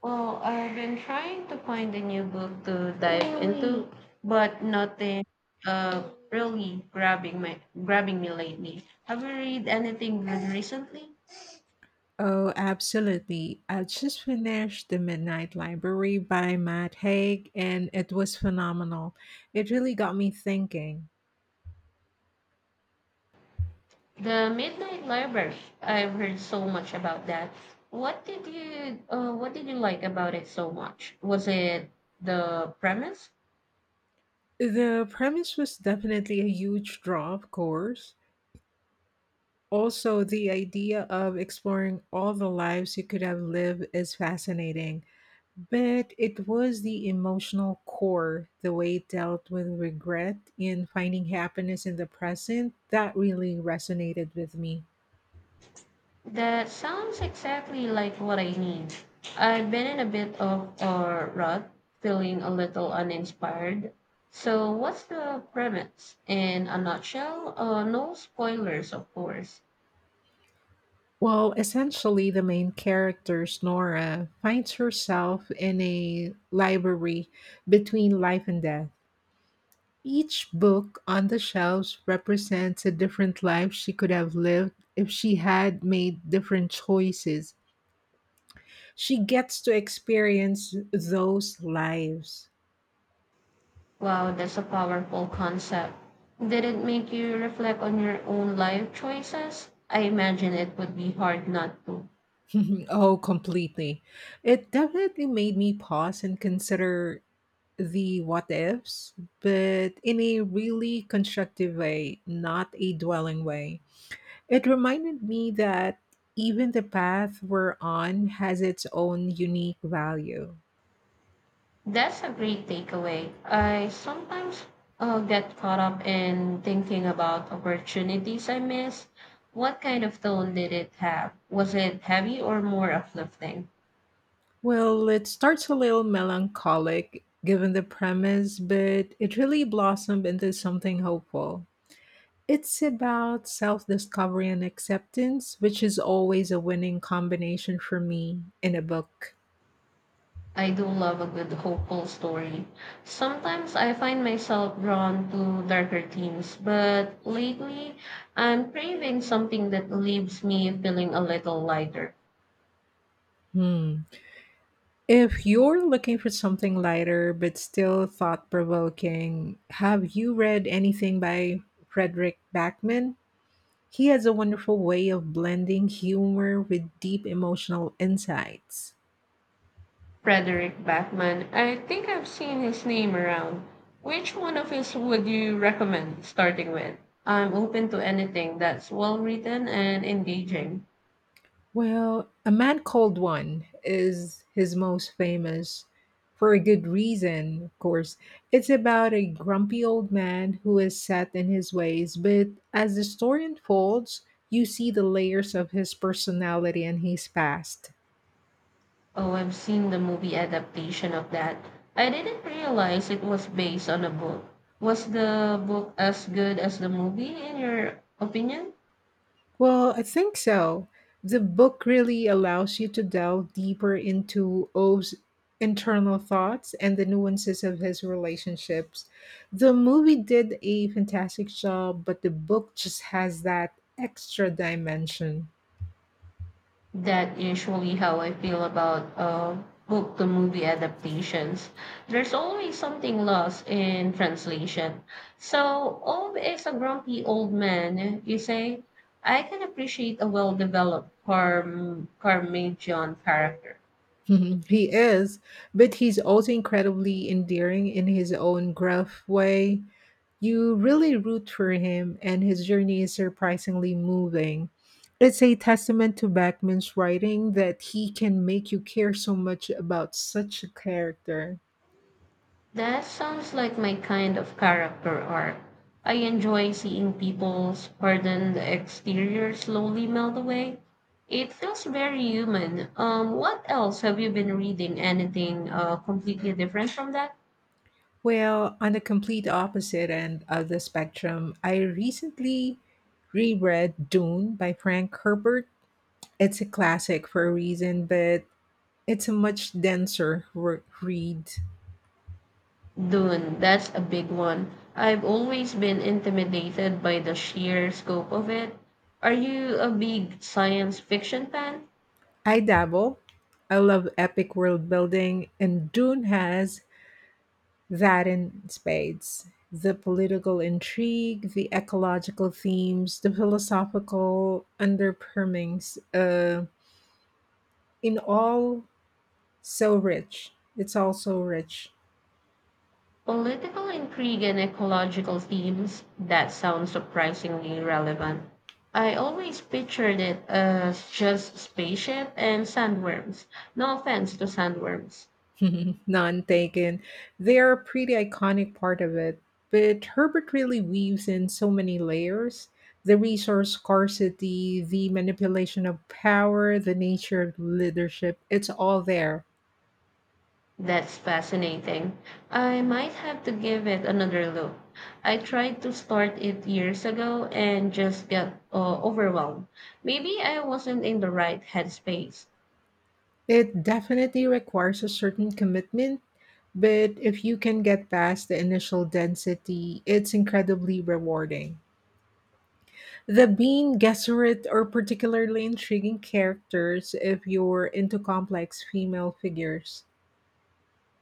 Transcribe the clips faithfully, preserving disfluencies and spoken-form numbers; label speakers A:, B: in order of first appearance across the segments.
A: Well, I've been trying to find a new book to dive into. Really? But nothing uh really grabbing my grabbing me lately. Have you read anything good recently?
B: Oh, absolutely. I just finished The Midnight Library by Matt Haig, and it was phenomenal. It really got me thinking.
A: The Midnight Library. I've heard so much about that. What did you uh, what did you like about it so much? Was it the premise?
B: The premise was definitely a huge draw, of course. Also, the idea of exploring all the lives you could have lived is fascinating. But it was the emotional core, the way it dealt with regret and finding happiness in the present, that really resonated with me.
A: That sounds exactly like what I need. I've been in a bit of a rut, feeling a little uninspired. So, what's the premise? In a nutshell, uh, no spoilers, of course.
B: Well, essentially, the main character, Nora, finds herself in a library between life and death. Each book on the shelves represents a different life she could have lived if she had made different choices. She gets to experience those lives.
A: Wow, that's a powerful concept. Did it make you reflect on your own life choices? I imagine it would be hard not to.
B: Oh, completely. It definitely made me pause and consider the what ifs, but in a really constructive way, not a dwelling way. It reminded me that even the path we're on has its own unique value.
A: That's a great takeaway. I sometimes uh, get caught up in thinking about opportunities I miss. What kind of tone did it have? Was it heavy or more uplifting?
B: Well, it starts a little melancholic given the premise, but it really blossomed into something hopeful. It's about self discovery and acceptance, which is always a winning combination for me in a book.
A: I do love a good hopeful story. Sometimes I find myself drawn to darker themes, but lately I'm craving something that leaves me feeling a little lighter.
B: Hmm. If you're looking for something lighter but still thought provoking, have you read anything by Frederick Backman? He has a wonderful way of blending humor with deep emotional insights.
A: Frederick Backman. I think I've seen his name around. Which one of his would you recommend starting with? I'm open to anything that's well written and engaging.
B: Well, A Man Called One is his most famous for a good reason, of course. It's about a grumpy old man who is set in his ways, but as the story unfolds, you see the layers of his personality and his past.
A: Oh, I've seen the movie adaptation of that. I didn't realize it was based on a book. Was the book as good as the movie, in your opinion?
B: Well, I think so. The book really allows you to delve deeper into O's internal thoughts and the nuances of his relationships. The movie did a fantastic job, but the book just has that extra dimension.
A: That usually how I feel about uh, book to movie adaptations. There's always something lost in translation. So, Ob is a grumpy old man, you say? I can appreciate a well developed Parm- Parmigian character.
B: Mhm. He is, but he's also incredibly endearing in his own gruff way. You really root for him, and his journey is surprisingly moving. It's a testament to Bachman's writing that he can make you care so much about such a character.
A: That sounds like my kind of character arc. I enjoy seeing people's pardon the exterior slowly melt away. It feels very human. Um, what else have you been reading? Anything uh, completely different from that?
B: Well, on the complete opposite end of the spectrum, I recently reread Dune by Frank Herbert. It's a classic for a reason, but it's a much denser re- read.
A: Dune, that's a big one. I've always been intimidated by the sheer scope of it. Are you a big science fiction fan?
B: I dabble. I love epic world building, and Dune has that in spades. The political intrigue, the ecological themes, the philosophical underpinnings, uh, in all so rich. It's all so rich.
A: Political intrigue and ecological themes, that sounds surprisingly relevant. I always pictured it as just spaceship and sandworms. No offense to sandworms.
B: None taken. They are a pretty iconic part of it. But Herbert really weaves in so many layers, the resource scarcity, the manipulation of power, the nature of leadership. It's all there.
A: That's fascinating. I might have to give it another look. I tried to start it years ago and just got uh, overwhelmed. Maybe I wasn't in the right headspace.
B: It definitely requires a certain commitment, but if you can get past the initial density, it's incredibly rewarding. The Bean Gesserit are particularly intriguing characters if you're into complex female figures.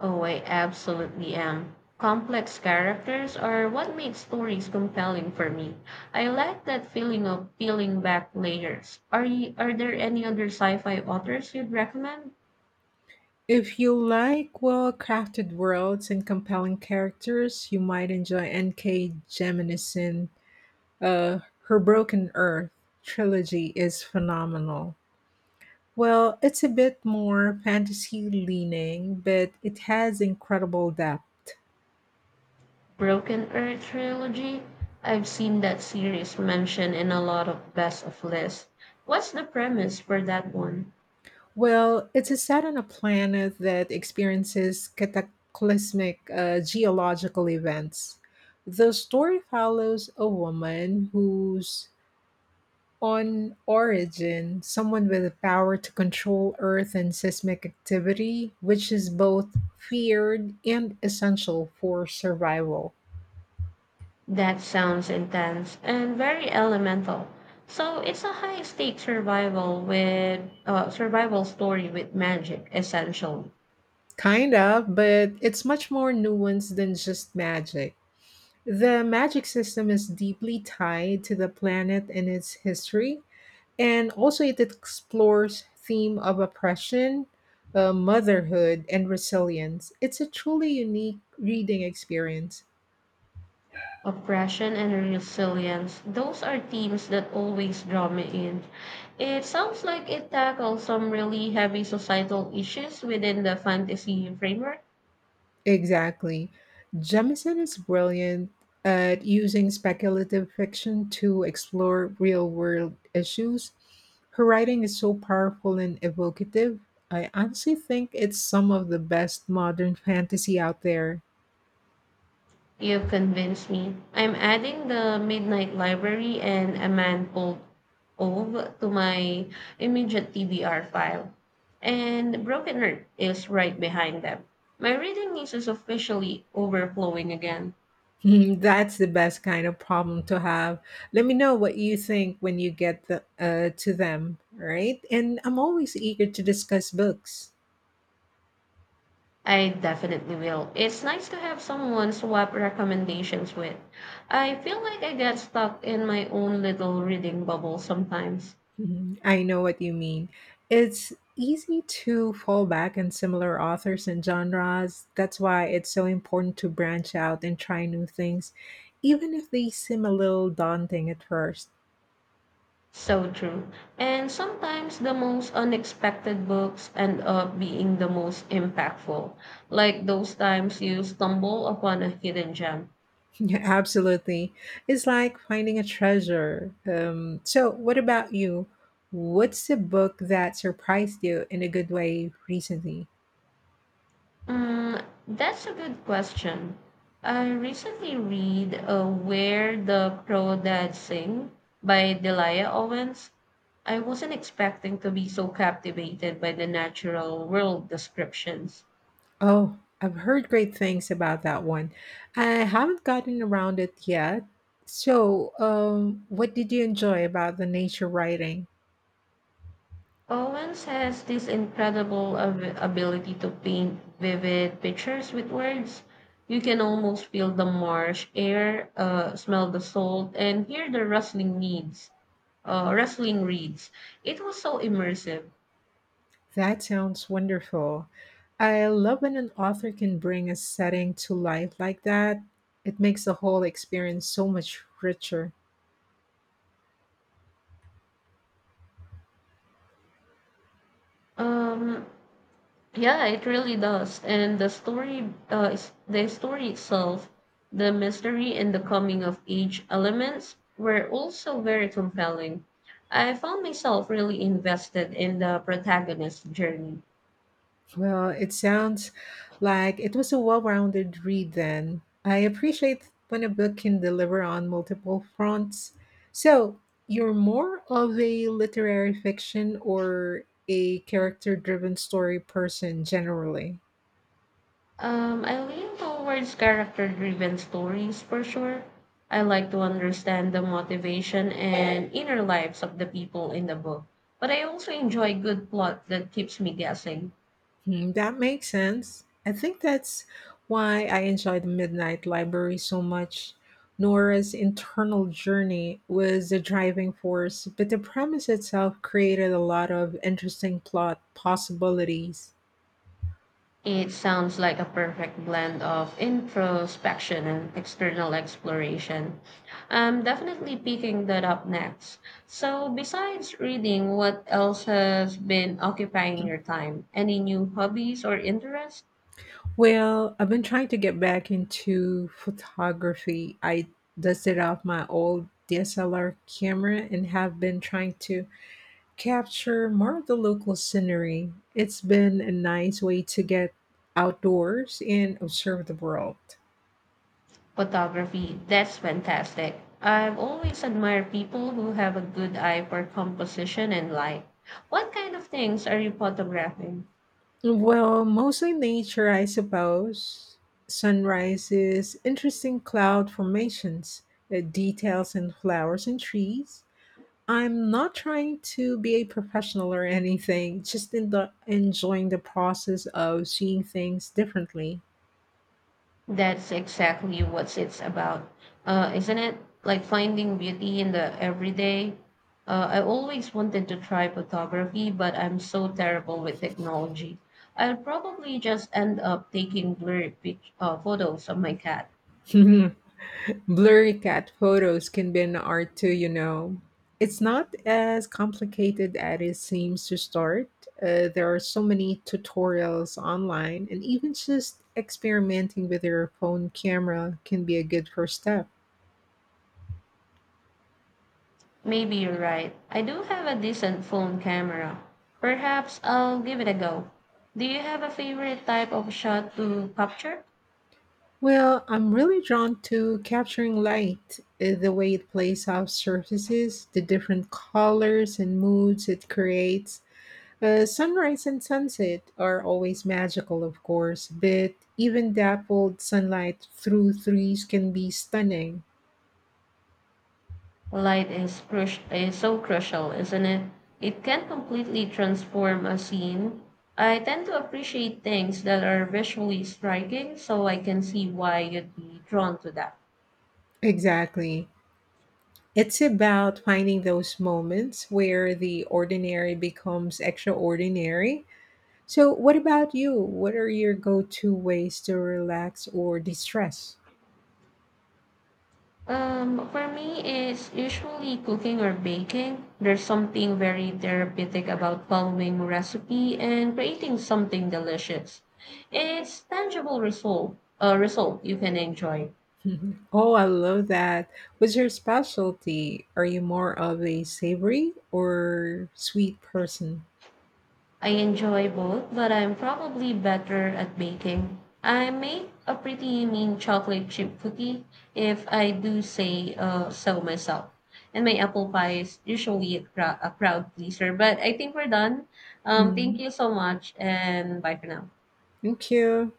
A: Oh, I absolutely am. Complex characters are what make stories compelling for me. I like that feeling of peeling back layers. Are you, are there any other sci-fi authors you'd recommend?
B: If you like well crafted worlds and compelling characters, you might enjoy N K. Jemisin. Uh, her Broken Earth trilogy is phenomenal. Well, it's a bit more fantasy leaning, but it has incredible depth.
A: Broken Earth trilogy? I've seen that series mentioned in a lot of best of lists. What's the premise for that one?
B: Well, it's a set on a planet that experiences cataclysmic uh, geological events. The story follows a woman who's on origin, someone with the power to control Earth and seismic activity, which is both feared and essential for survival.
A: That sounds intense and very elemental. So it's a high stake survival with uh, survival story with magic, essentially.
B: Kind of, but it's much more nuanced than just magic. The magic system is deeply tied to the planet and its history, and also it explores theme of oppression, uh, motherhood, and resilience. It's a truly unique reading experience.
A: Oppression and resilience. Those are themes that always draw me in. It sounds like it tackles some really heavy societal issues within the fantasy framework.
B: Exactly. Jemison is brilliant at using speculative fiction to explore real world issues. Her writing is so powerful and evocative. I honestly think it's some of the best modern fantasy out there.
A: You've convinced me. I'm adding the Midnight Library and A Man Called Ove to my immediate T B R file. And Broken Earth is right behind them. My reading list is officially overflowing again.
B: Hmm, that's the best kind of problem to have. Let me know what you think when you get the, uh, to them, all right? And I'm always eager to discuss books.
A: I definitely will. It's nice to have someone swap recommendations with. I feel like I get stuck in my own little reading bubble sometimes.
B: Mhm. I know what you mean. It's easy to fall back on similar authors and genres. That's why it's so important to branch out and try new things, even if they seem a little daunting at first.
A: So true. And sometimes the most unexpected books end up being the most impactful, like those times you stumble upon a hidden gem.
B: Yeah, absolutely. It's like finding a treasure. Um, so, what about you? What's a book that surprised you in a good way recently?
A: Mm, that's a good question. I recently read uh, Where the Crow Dad Sing by Delia Owens. I wasn't expecting to be so captivated by the natural world descriptions.
B: Oh, I've heard great things about that one. I haven't gotten around it yet. So, um, what did you enjoy about the nature writing?
A: Owens has this incredible ab- ability to paint vivid pictures with words. You can almost feel the marsh air, uh, smell the salt, and hear the rustling needs, uh, rustling reeds. It was so immersive.
B: That sounds wonderful. I love when an author can bring a setting to life like that. It makes the whole experience so much richer.
A: Um, Yeah, it really does. And the story, uh, is- the story itself, the mystery and the coming of age elements were also very compelling. I found myself really invested in the protagonist's journey.
B: Well, it sounds like it was a well rounded read then. I appreciate when a book can deliver on multiple fronts. So, you're more of a literary fiction or a character driven story person generally?
A: Um, I lean towards character-driven stories for sure. I like to understand the motivation and inner lives of the people in the book, but I also enjoy good plot that keeps me guessing.
B: Mm, that makes sense. I think that's why I enjoy the Midnight Library so much. Nora's internal journey was the driving force, but the premise itself created a lot of interesting plot possibilities.
A: It sounds like a perfect blend of introspection and external exploration. I'm definitely picking that up next. So, besides reading, what else has been occupying your time? Any new hobbies or interests?
B: Well, I've been trying to get back into photography. I dusted off my old D S L R camera and have been trying to capture more of the local scenery. It's been a nice way to get outdoors and observe the world.
A: Photography, that's fantastic. I've always admired people who have a good eye for composition and light. What kind of things are you photographing?
B: Well, mostly nature, I suppose. Sunrises, interesting cloud formations, uh, details in flowers and trees. I'm not trying to be a professional or anything, just in the enjoying the process of seeing things differently.
A: That's exactly what it's about, uh, isn't it? Like finding beauty in the everyday. Uh, I always wanted to try photography, but I'm so terrible with technology. I'll probably just end up taking blurry pic- uh, photos of my cat.
B: Blurry cat photos can be an art too, you know. It's not as complicated as it seems to start. Uh, there are so many tutorials online, and even just experimenting with your phone camera can be a good first step.
A: Maybe you're right. I do have a decent phone camera. Perhaps I'll give it a go. Do you have a favorite type of shot to capture?
B: Well, I'm really drawn to capturing light, uh, the way it plays off surfaces, the different colors and moods it creates. Uh, sunrise and sunset are always magical, of course, but even dappled sunlight through trees can be stunning.
A: Light is, crush is so crucial, isn't it? It can completely transform a scene. I tend to appreciate things that are visually striking, so I can see why you'd be drawn to that.
B: Exactly. It's about finding those moments where the ordinary becomes extraordinary. So, what about you? What are your go to ways to relax or distress?
A: Um, for me, it's usually cooking or baking. There's something very therapeutic about following recipe and creating something delicious. It's tangible result, a result you can enjoy.
B: Mhm. Oh, I love that. What's your specialty? Are you more of a savory or sweet person?
A: I enjoy both, but I'm probably better at baking. I make a pretty mean chocolate chip cookie if I do say uh, so myself. And my apple pie is usually a, crowd a crowd pleaser. But I think we're done. Um, thank
B: Mm-hmm.
A: you so much, and bye for now.
B: Thank you.